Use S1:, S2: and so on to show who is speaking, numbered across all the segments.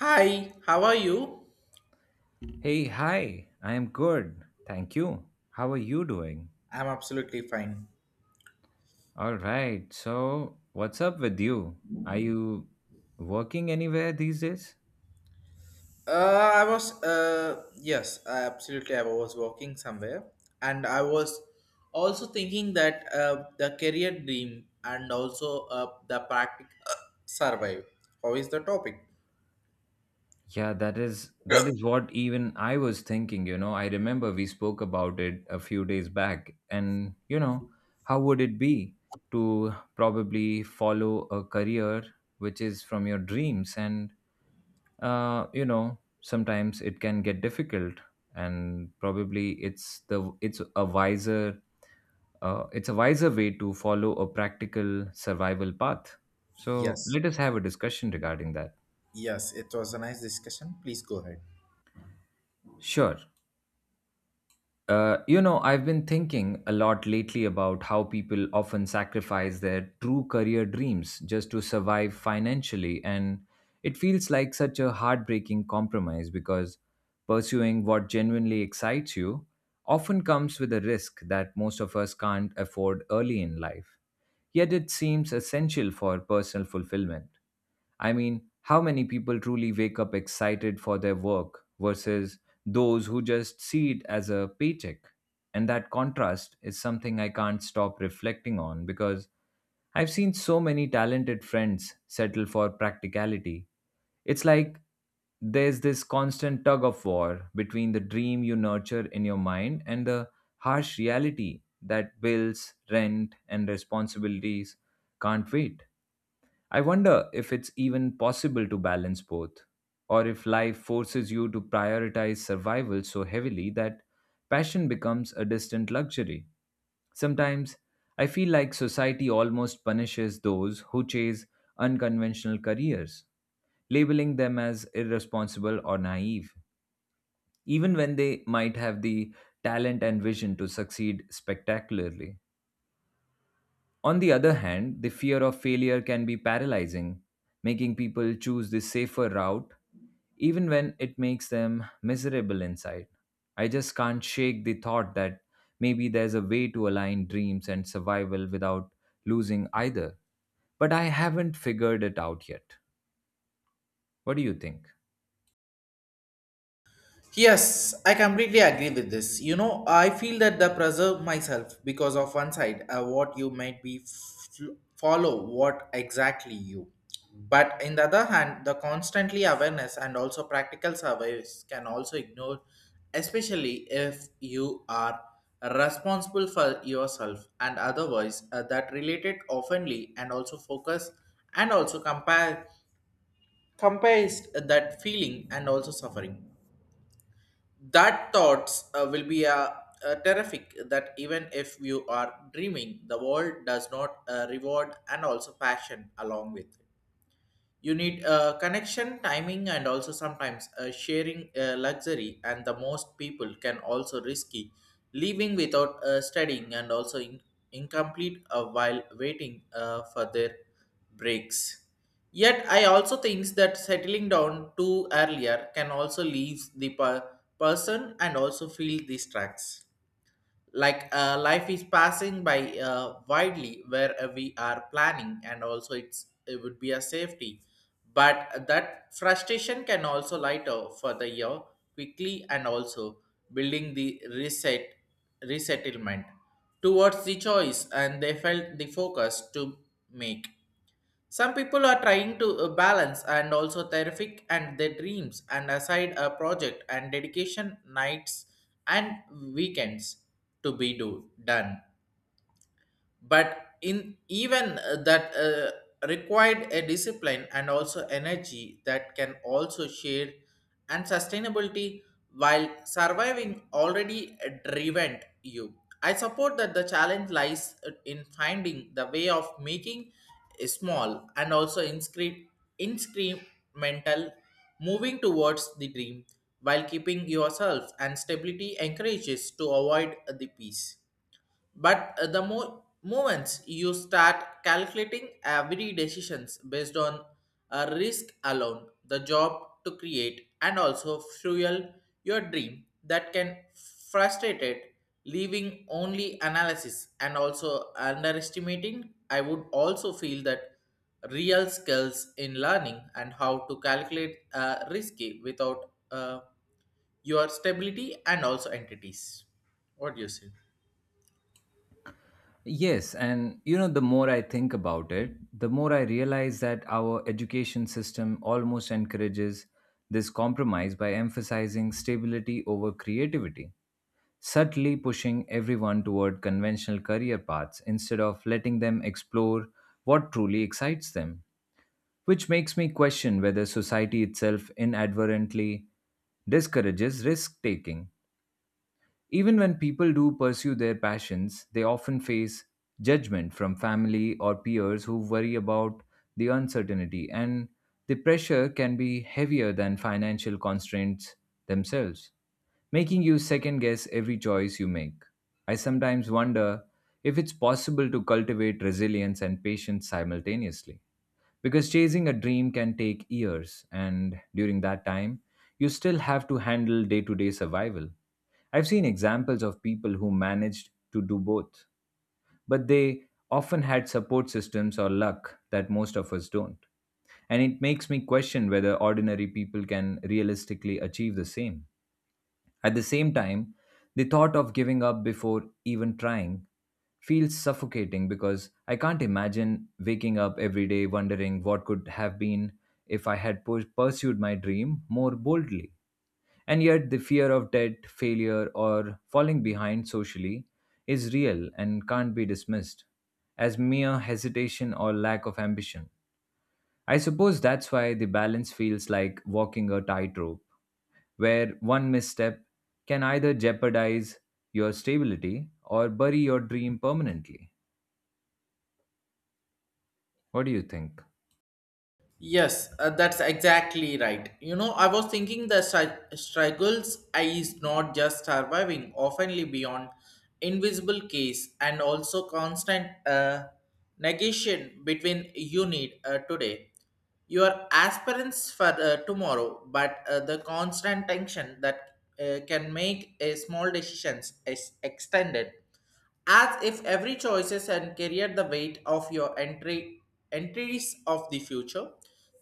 S1: Hi, how are you?
S2: Hey, hi. I am good. Thank you. How are you doing?
S1: I'm absolutely fine.
S2: All right. So, what's up with you? Are you Working anywhere these days?
S1: Uh, I was, yes, I absolutely. I was working somewhere, and I was also thinking that the career dream and also the practice survive. How is the topic?
S2: Yeah, that is what even I was thinking, I remember we spoke about it a few days back and, how would it be to probably follow a career which is from your dreams and sometimes it can get difficult and probably it's a wiser it's a wiser way to follow a practical survival path. So
S1: Yes,
S2: let us have a discussion regarding that.
S1: yes, it was a nice discussion. Please go ahead.
S2: Sure. You know, I've been thinking a lot lately about how people often sacrifice their true career dreams just to survive financially. And it feels like such a heartbreaking compromise because pursuing what genuinely excites you often comes with a risk that most of us can't afford early in life. Yet it seems essential for personal fulfillment. I mean, how many people truly wake up excited for their work versus those who just see it as a paycheck? And that contrast is something I can't stop reflecting on because I've seen so many talented friends settle for practicality. It's like there's this constant tug of war between the dream you nurture in your mind and the harsh reality that bills, rent, and responsibilities can't wait. I wonder if it's even possible to balance both, or if life forces you to prioritize survival so heavily that passion becomes a distant luxury. Sometimes I feel like society almost punishes those who chase unconventional careers, labeling them as irresponsible or naive, even when they might have the talent and vision to succeed spectacularly. On the other hand, the fear of failure can be paralyzing, making people choose the safer route even when it makes them miserable inside. I just can't shake the thought that maybe there's a way to align dreams and survival without losing either. But I haven't figured it out yet. What do you think?
S1: Yes, I completely agree with this. You know, I feel that the preserve myself because of one side, what you might be follow, what exactly you. But in the other hand, the constantly awareness and also practical surveys can also ignore, especially if you are responsible for yourself and otherwise that related oftenly and also focus and also compares that feeling and also suffering that thoughts will be terrific that even if you are dreaming the world does not reward and also passion along with it. You need connection timing and also sometimes sharing luxury and the most people can also risky leaving without studying and also incomplete while waiting for their breaks. Yet I also thinks that settling down too earlier can also leave the person and also feel these tracks like life is passing by widely where we are planning and also it would be a safety, but that frustration can also light off for the year quickly and also building the resettlement towards the choice and they felt the focus to make. Some people are trying to balance and also terrific and their dreams and aside a project and dedication nights and weekends to be do done, but in even that required a discipline and also energy that can also share and sustainability while surviving already driven you. I support that the challenge lies in finding the way of making a small and also incremental moving towards the dream while keeping yourself and stability encourages to avoid the peace. But the moments you start calculating every decisions based on a risk alone, the job to create, and also fuel your dream, that can frustrate it, leaving only analysis and also underestimating. I would also feel that real skills in learning and how to calculate risky without your stability and also entities. What do you say?
S2: Yes, and you know, the more I think about it, the more I realize that our education system almost encourages this compromise by emphasizing stability over creativity, subtly pushing everyone toward conventional career paths instead of letting them explore what truly excites them, which makes me question whether society itself inadvertently discourages risk taking. Even when people do pursue their passions, they often face judgment from family or peers who worry about the uncertainty, and the pressure can be heavier than financial constraints themselves, making you second guess every choice you make. I sometimes wonder if it's possible to cultivate resilience and patience simultaneously because chasing a dream can take years and during that time you still have to handle day-to-day survival. I've seen examples of people who managed to do both, but they often had support systems or luck that most of us don't, and it makes me question whether ordinary people can realistically achieve the same. At the same time, the thought of giving up before even trying feels suffocating because I can't imagine waking up every day wondering what could have been if I had pursued my dream more boldly. And yet, the fear of debt, failure, or falling behind socially is real and can't be dismissed as mere hesitation or lack of ambition. I suppose that's why the balance feels like walking a tightrope where one misstep can either jeopardize your stability or bury your dream permanently. What do you think?
S1: Yes, that's exactly right. You know, I was thinking the struggles is not just surviving, oftenly beyond invisible case and also constant negation between you need today, your aspirants for tomorrow, but the constant tension that can make a small decisions is extended as if every choices and carrier the weight of your entry entries of the future.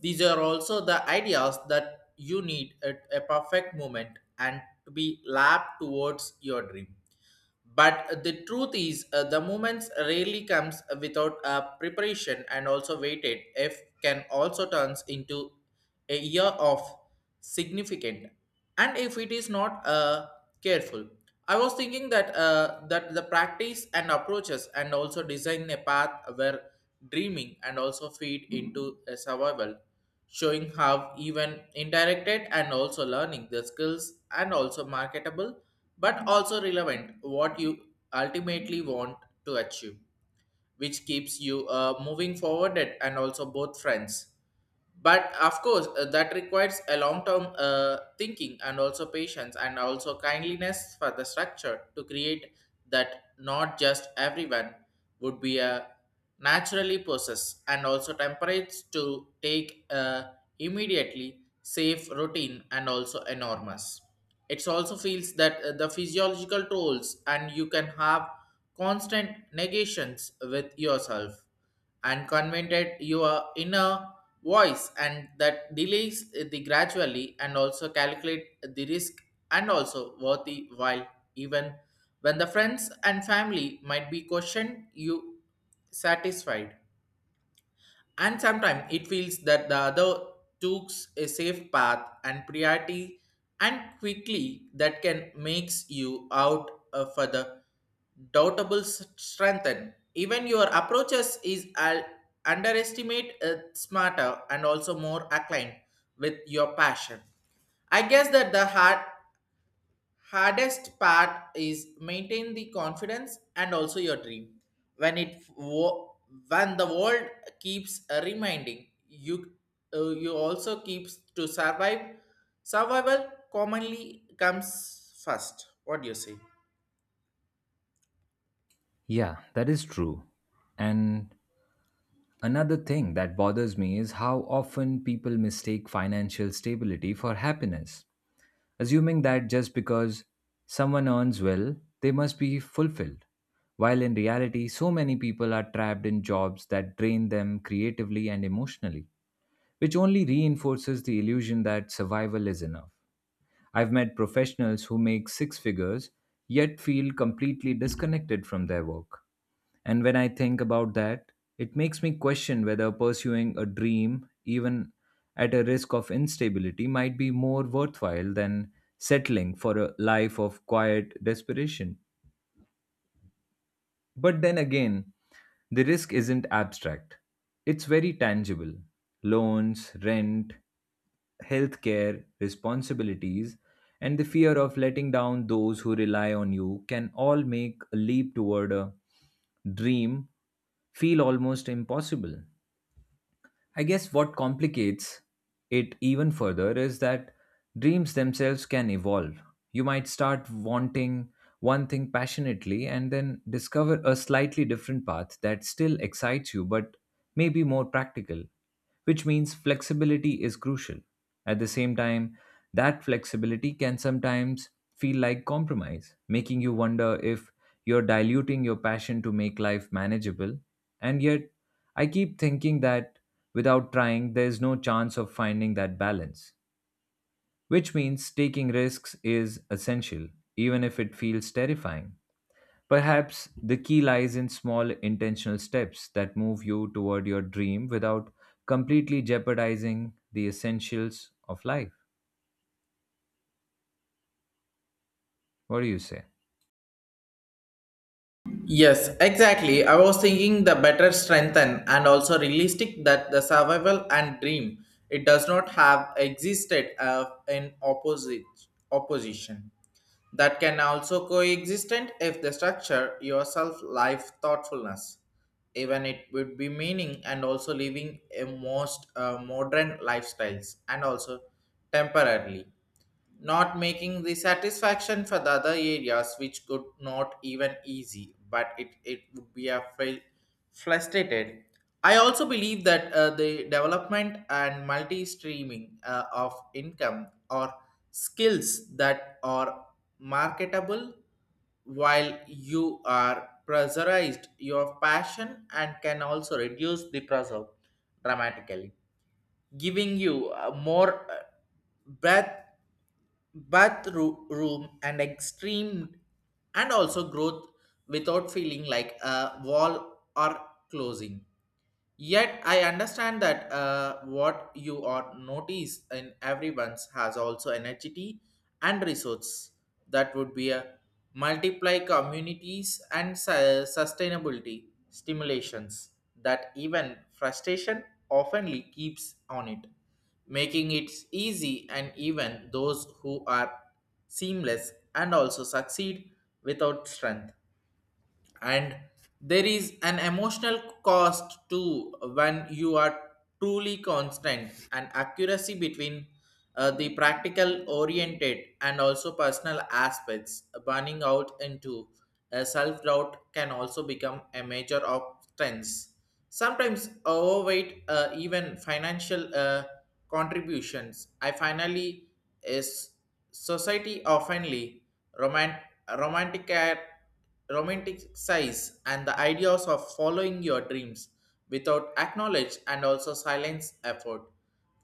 S1: These are also the ideas that you need at a perfect moment and to be lapped towards your dream, but the truth is the moments rarely comes without a preparation and also waited if can also turns into a year of significant. And if it is not careful, I was thinking that the practice and approaches and also design a path where dreaming and also feed into a survival, showing how even indirected and also learning the skills and also marketable, but also relevant what you ultimately want to achieve, which keeps you moving forward and also both friends. But of course that requires a long term thinking and also patience and also kindliness for the structure to create that not just everyone would be a naturally possess and also temperate to take a immediately safe routine and also enormous. It also feels that the physiological tolls and you can have constant negations with yourself and convented your inner voice and that delays the gradually and also calculate the risk and also worthy while even when the friends and family might be questioned you satisfied. And sometimes it feels that the other took a safe path and priority and quickly that can makes you out for the doubtable strengthen. Even your approaches is underestimate smarter and also more aligned with your passion. I guess that the heart hardest part is maintain the confidence and also your dream when it when the world keeps reminding you you also keeps to survive survival commonly comes first. What do you say?
S2: Yeah, that is true. And another thing that bothers me is how often people mistake financial stability for happiness, assuming that just because someone earns well, they must be fulfilled, while in reality, so many people are trapped in jobs that drain them creatively and emotionally, which only reinforces the illusion that survival is enough. I've met professionals who make six figures yet feel completely disconnected from their work. And when I think about that, it makes me question whether pursuing a dream, even at a risk of instability, might be more worthwhile than settling for a life of quiet desperation. But then again, the risk isn't abstract, it's very tangible. Loans, rent, healthcare, responsibilities, and the fear of letting down those who rely on you can all make a leap toward a dream feel almost impossible. I guess what complicates it even further is that dreams themselves can evolve. You might start wanting one thing passionately and then discover a slightly different path that still excites you but may be more practical, which means flexibility is crucial. At the same time, that flexibility can sometimes feel like compromise, making you wonder if you're diluting your passion to make life manageable. And yet, I keep thinking that without trying, there's no chance of finding that balance, which means taking risks is essential, even if it feels terrifying. Perhaps the key lies in small intentional steps that move you toward your dream without completely jeopardizing the essentials of life. What do you say?
S1: Yes, exactly. I was thinking the better strengthen and also realistic that the survival and dream it does not have existed in opposite opposition. That can also coexistent if the structure yourself life thoughtfulness, even it would be meaning and also living a most modern lifestyles and also temporarily not making the satisfaction for the other areas which could not even easy, but it would be a fail frustrated. I also believe that the development and multi-streaming of income or skills that are marketable while you are pressurized your passion and can also reduce the pressure dramatically, giving you more breadth bathroom and extreme and also growth without feeling like a wall or closing. Yet I understand that what you are notice in everyone's has also energy and resource that would be a multiply communities and sustainability stimulations, that even frustration oftenly keeps on it, making it easy and even those who are seamless and also succeed without strength. And there is an emotional cost too when you are truly constant and accuracy between the practical oriented and also personal aspects burning out into self-doubt can also become a major of obstacle, sometimes overweight even financial contributions. I finally is society oftenly roman- romantic romantic size and the ideas of following your dreams without acknowledge and also silence effort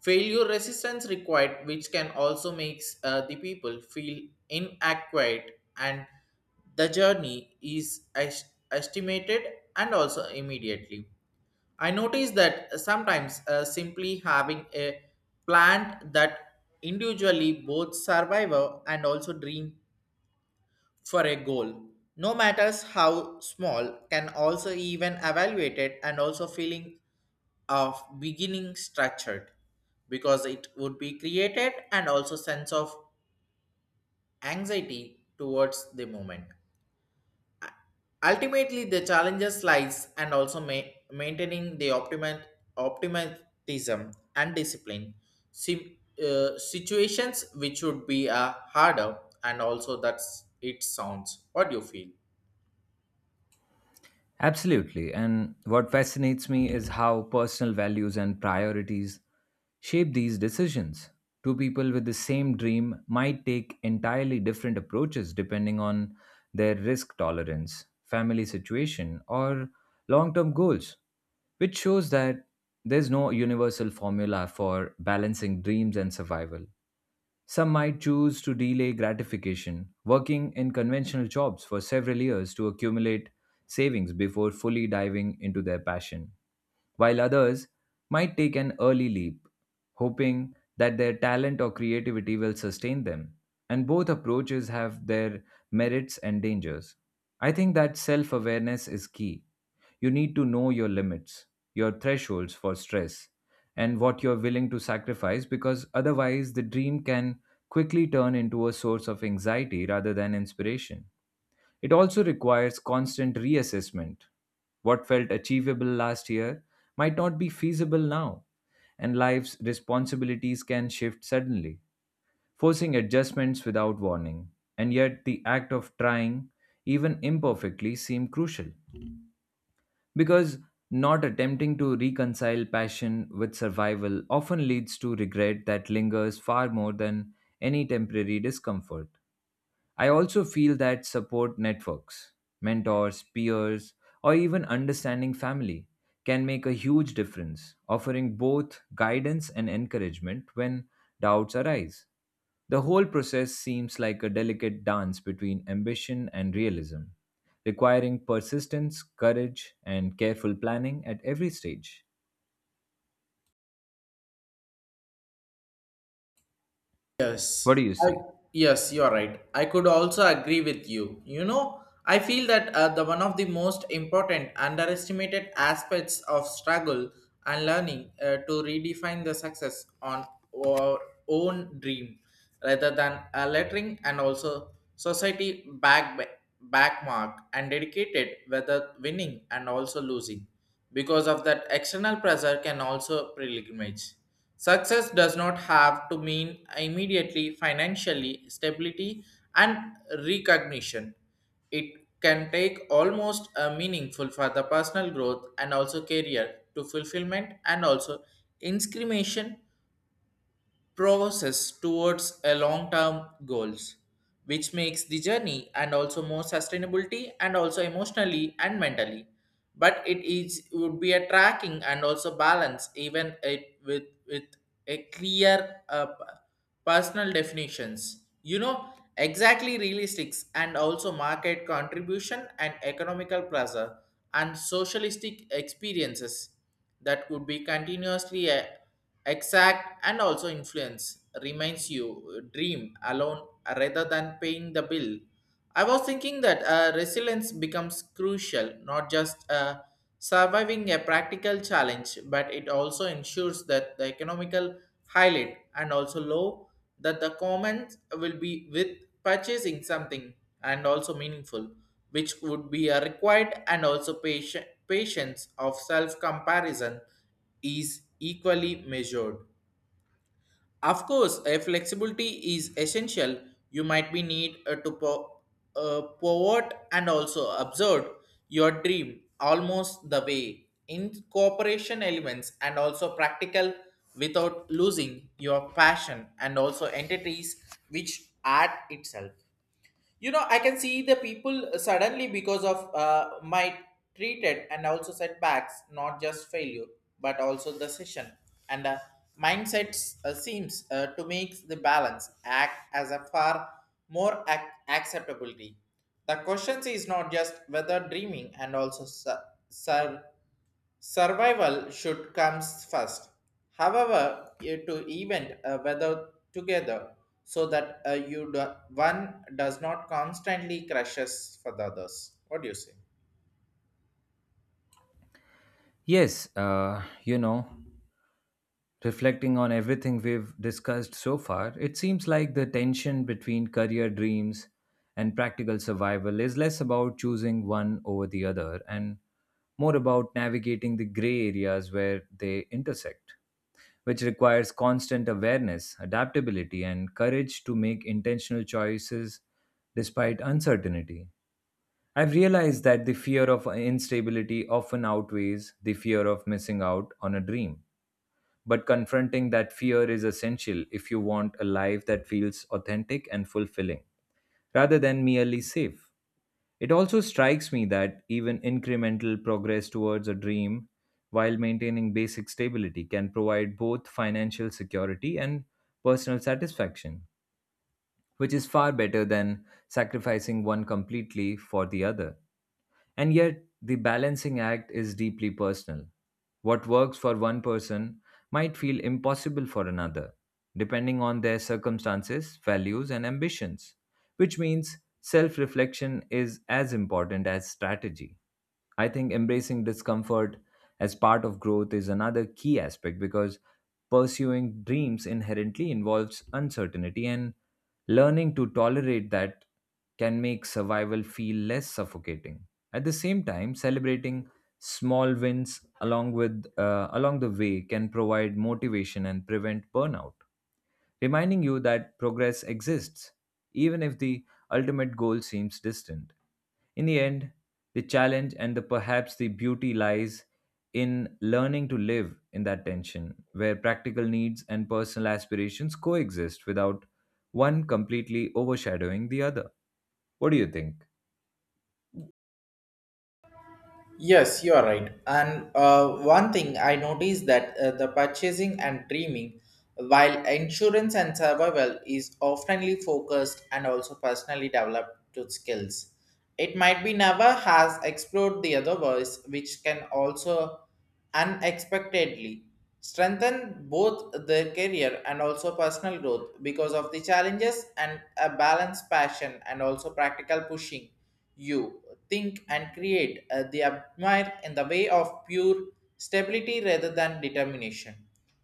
S1: failure resistance required which can also makes the people feel inadequate and the journey is estimated and also immediately. I notice that sometimes simply having a plan that individually both survivor and also dream for a goal, no matters how small, can also even evaluate it and also feeling of beginning structured, because it would be created and also sense of anxiety towards the moment. Ultimately the challenges lies and also maintaining the optimal optimism and discipline sim- situations which would be harder, and also that's it sounds. What do you feel?
S2: Absolutely. And what fascinates me is how personal values and priorities shape these decisions. Two people with the same dream might take entirely different approaches depending on their risk tolerance, family situation, or long term goals, which shows that there's no universal formula for balancing dreams and survival. Some might choose to delay gratification, working in conventional jobs for several years to accumulate savings before fully diving into their passion, while others might take an early leap, hoping that their talent or creativity will sustain them. And both approaches have their merits and dangers. I think that self awareness is key. You need to know your limits, your thresholds for stress, and what you're willing to sacrifice because otherwise the dream can quickly turn into a source of anxiety rather than inspiration. It also requires constant reassessment. What felt achievable last year might not be feasible now, and life's responsibilities can shift suddenly, forcing adjustments without warning. And yet, the act of trying, even imperfectly, seemed crucial. Because not attempting to reconcile passion with survival often leads to regret that lingers far more than any temporary discomfort. I also feel that support networks, mentors, peers, or even understanding family can make a huge difference, offering both guidance and encouragement when doubts arise. The whole process seems like a delicate dance between ambition and realism, requiring persistence, courage, and careful planning at every stage. What
S1: Yes,
S2: do you
S1: I,
S2: say?
S1: yes, you're right. I could also agree with you. You know, I feel that the one of the most important underestimated aspects of struggle and learning to redefine the success on our own dream rather than a lettering and also society back backmark and dedicated whether winning and also losing, because of that external pressure can also pilgrimage. Success does not have to mean immediately financially stability and recognition. It can take almost a meaningful for the personal growth and also career to fulfillment and also incrimination process towards a long-term goals, which makes the journey and also more sustainability and also emotionally and mentally. But it is would be a tracking and also balance even it with a clear personal definitions, you know, exactly realistics and also market contribution and economical pressure and socialistic experiences that could be continuously exact and also influence reminds you dream alone rather than paying the bill. I was thinking that resilience becomes crucial, not just surviving a practical challenge, but it also ensures that the economical highlight and also low that the comments will be with purchasing something and also meaningful, which would be a required and also patience of self-comparison is equally measured. Of course, a flexibility is essential. You might be need to pivot and also observe your dream almost the way incorporation elements and also practical without losing your passion and also entities which add itself. You know, I can see the people suddenly because of my treated and also setbacks, not just failure but also the session and mindsets seems to make the balance act as a far more acceptability. The question is not just whether dreaming and also survival should comes first. However, you to event a weather together so that you do, one does not constantly crashes for the others. What do you say?
S2: Yes, you know, reflecting on everything we've discussed so far, it seems like the tension between career dreams and practical survival is less about choosing one over the other and more about navigating the gray areas where they intersect, which requires constant awareness, adaptability, and courage to make intentional choices despite uncertainty. I've realized that the fear of instability often outweighs the fear of missing out on a dream, but confronting that fear is essential if you want a life that feels authentic and fulfilling, rather than merely safe. It also strikes me that even incremental progress towards a dream while maintaining basic stability can provide both financial security and personal satisfaction, which is far better than sacrificing one completely for the other. And yet, the balancing act is deeply personal. What works for one person might feel impossible for another, depending on their circumstances, values, and ambitions, which means self reflection is as important as strategy. I think embracing discomfort as part of growth is another key aspect because pursuing dreams inherently involves uncertainty and learning to tolerate that can make survival feel less suffocating. At the same time, celebrating small wins along the way can provide motivation and prevent burnout, reminding you that progress exists even if the ultimate goal seems distant. In the end, the challenge and the perhaps the beauty lies in learning to live in that tension where practical needs and personal aspirations coexist without one completely overshadowing the other. What do you think?
S1: Yes, you are right. And one thing I noticed that the purchasing and dreaming, while insurance and survival is oftenly focused and also personally developed to skills, it might be never has explored the other voice, which can also unexpectedly strengthen both their career and also personal growth because of the challenges and a balanced passion and also practical pushing you think and create the admire in the way of pure stability rather than determination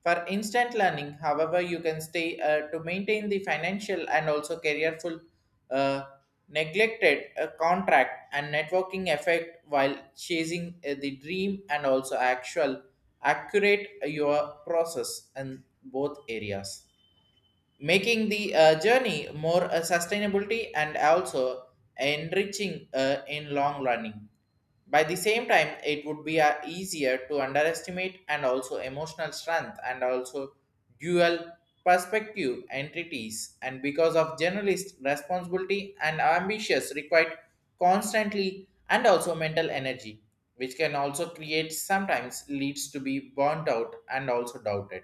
S1: for instant learning. However, you can stay to maintain the financial and also careerful uh, neglected a contract and networking effect while chasing the dream and also actual accurate your process in both areas, making the journey more sustainability and also enriching in long running. By the same time, it would be easier to underestimate and also emotional strength and also dual perspective entities and because of generalist responsibility and ambitious required constantly and also mental energy which can also create sometimes leads to be burnt out and also doubted.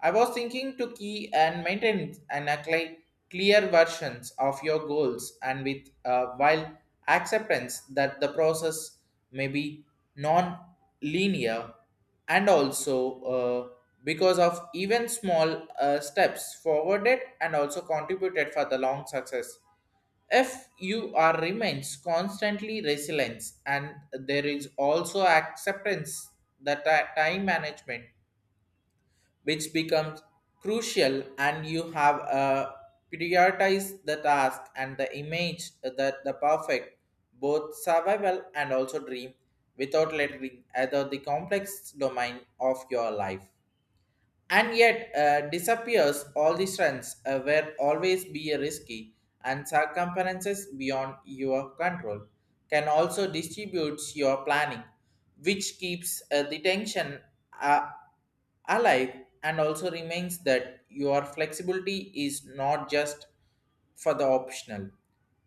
S1: I was thinking to key and maintain and apply clear versions of your goals and with while acceptance that the process may be non-linear and also because of even small steps forwarded and also contributed for the long success. If you are remains constantly resilience and there is also acceptance that time management which becomes crucial and you have prioritize the task and the image that the perfect both survival and also dream without letting either the complex domain of your life, and yet disappears all the strengths will always be risky and circumferences beyond your control can also distribute your planning which keeps the tension uh, alive and also remains that your flexibility is not just for the optional.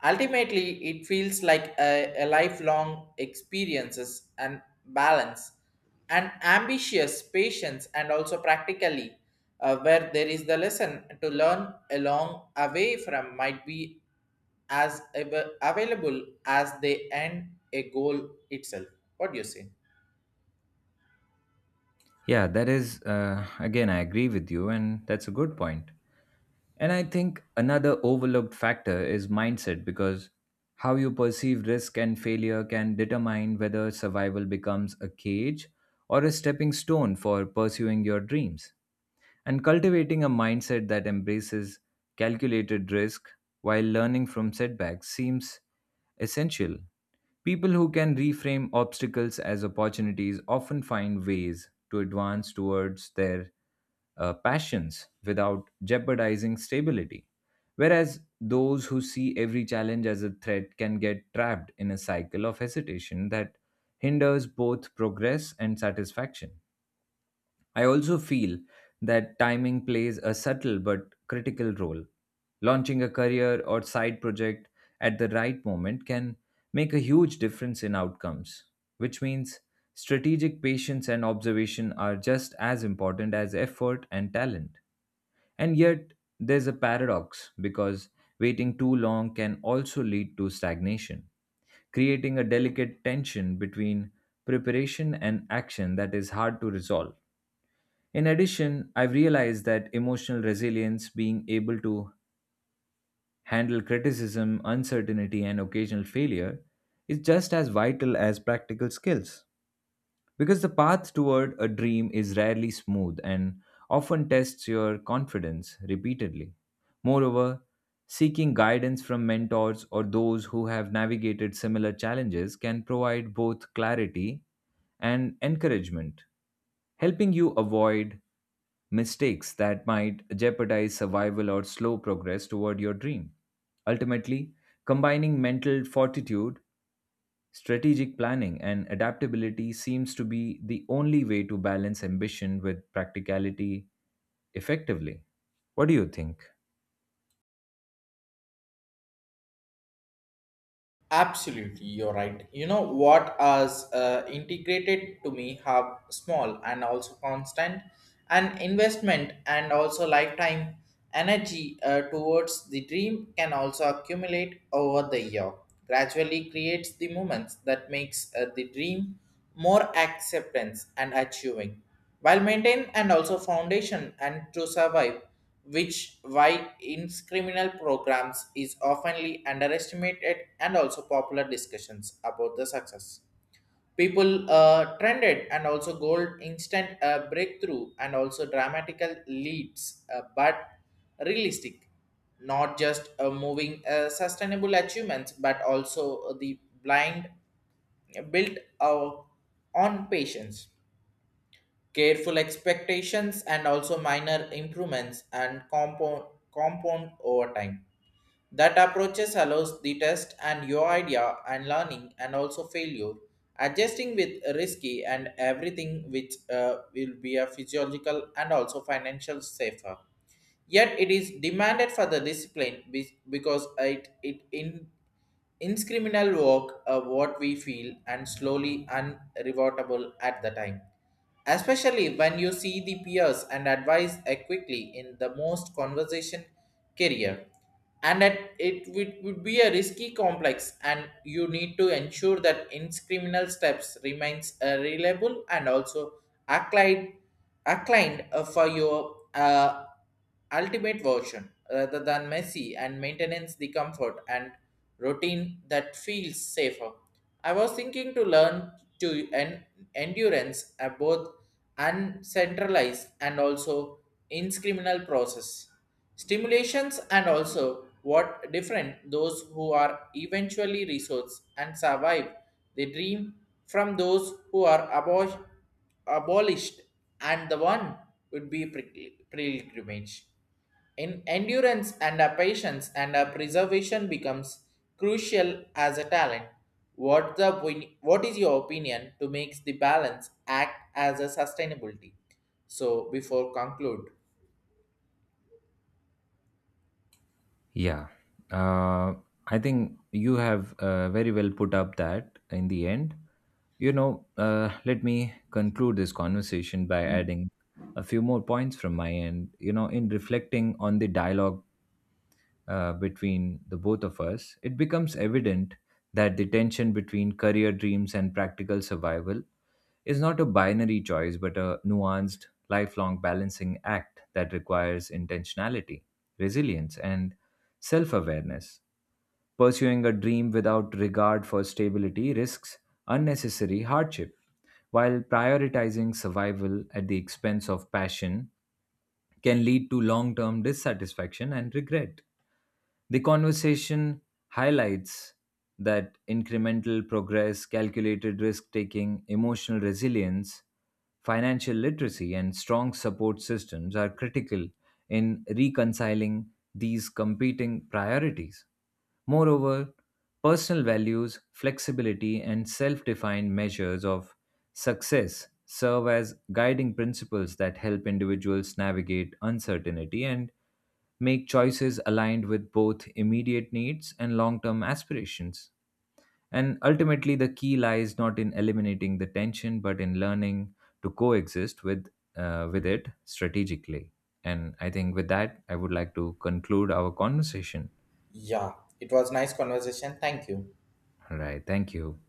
S1: Ultimately, it feels like a lifelong experiences and balance and ambitious patience and also practically, where there is the lesson to learn along away from might be as available as they end a goal itself. What do you say?
S2: Yeah, that is, again, I agree with you, and that's a good point. And I think another overlooked factor is mindset because how you perceive risk and failure can determine whether survival becomes a cage or a stepping stone for pursuing your dreams. And cultivating a mindset that embraces calculated risk while learning from setbacks seems essential. People who can reframe obstacles as opportunities often find ways to advance towards their passions without jeopardizing stability. Whereas those who see every challenge as a threat can get trapped in a cycle of hesitation that hinders both progress and satisfaction. I also feel that timing plays a subtle but critical role. Launching a career or side project at the right moment can make a huge difference in outcomes, which means strategic patience and observation are just as important as effort and talent. And yet, there's a paradox because waiting too long can also lead to stagnation, creating a delicate tension between preparation and action that is hard to resolve. In addition, I've realized that emotional resilience, being able to handle criticism, uncertainty, and occasional failure, is just as vital as practical skills, because the path toward a dream is rarely smooth and often tests your confidence repeatedly. Moreover, seeking guidance from mentors or those who have navigated similar challenges can provide both clarity and encouragement, helping you avoid mistakes that might jeopardize survival or slow progress toward your dream. Ultimately, combining mental fortitude, strategic planning and adaptability seems to be the only way to balance ambition with practicality effectively. What do you think?
S1: Absolutely, you're right. You know what has integrated to me have small and also constant and investment and also lifetime energy towards the dream can also accumulate over the year. Gradually creates the moments that makes the dream more acceptance and achieving while maintain and also foundation and to survive, which why criminal programs is oftenly underestimated and also popular discussions about the success. People trended and also gold instant breakthrough and also dramatical leads but realistic, not just moving sustainable achievements but also the blind built on patience, careful expectations and also minor improvements and compound over time. That approaches allows the test and your idea and learning and also failure adjusting with risky and everything which will be a physiological and also financial safer, yet it is demanded for the discipline because it in Inscriminal work of what we feel and slowly unrevotable at the time. Especially when you see the peers and advise quickly in the most conversation career. And that it would be a risky complex and you need to ensure that inscriminal steps remains reliable and also acclined, acclined for your ultimate version rather than messy and maintains the comfort and routine that feels safer. I was thinking to learn to endurance at both uncentralized and also inscriminal process. Stimulations and also what different those who are eventually resource and survive the dream from those who are above abolished and the one would be pilgrimage in endurance and a patience and a preservation becomes crucial as a talent. What the what is your opinion to make the balance act as a sustainability so before conclude?
S2: Yeah, uh, I think you have very well put up that in the end. You know, let me conclude this conversation by adding a few more points from my end. You know, in reflecting on the dialogue between the both of us, it becomes evident that the tension between career dreams and practical survival is not a binary choice but a nuanced, lifelong balancing act that requires intentionality, resilience, and self awareness. Pursuing a dream without regard for stability risks unnecessary hardship, while prioritizing survival at the expense of passion can lead to long term dissatisfaction and regret. The conversation highlights that incremental progress, calculated risk taking, emotional resilience, financial literacy, and strong support systems are critical in reconciling these competing priorities. Moreover, personal values, flexibility, and self defined measures of success serve as guiding principles that help individuals navigate uncertainty and make choices aligned with both immediate needs and long term aspirations. And ultimately, the key lies not in eliminating the tension, but in learning to coexist with it strategically. And I think with that, I would like to conclude our conversation.
S1: Yeah, it was nice conversation, thank you.
S2: All right. Thank you.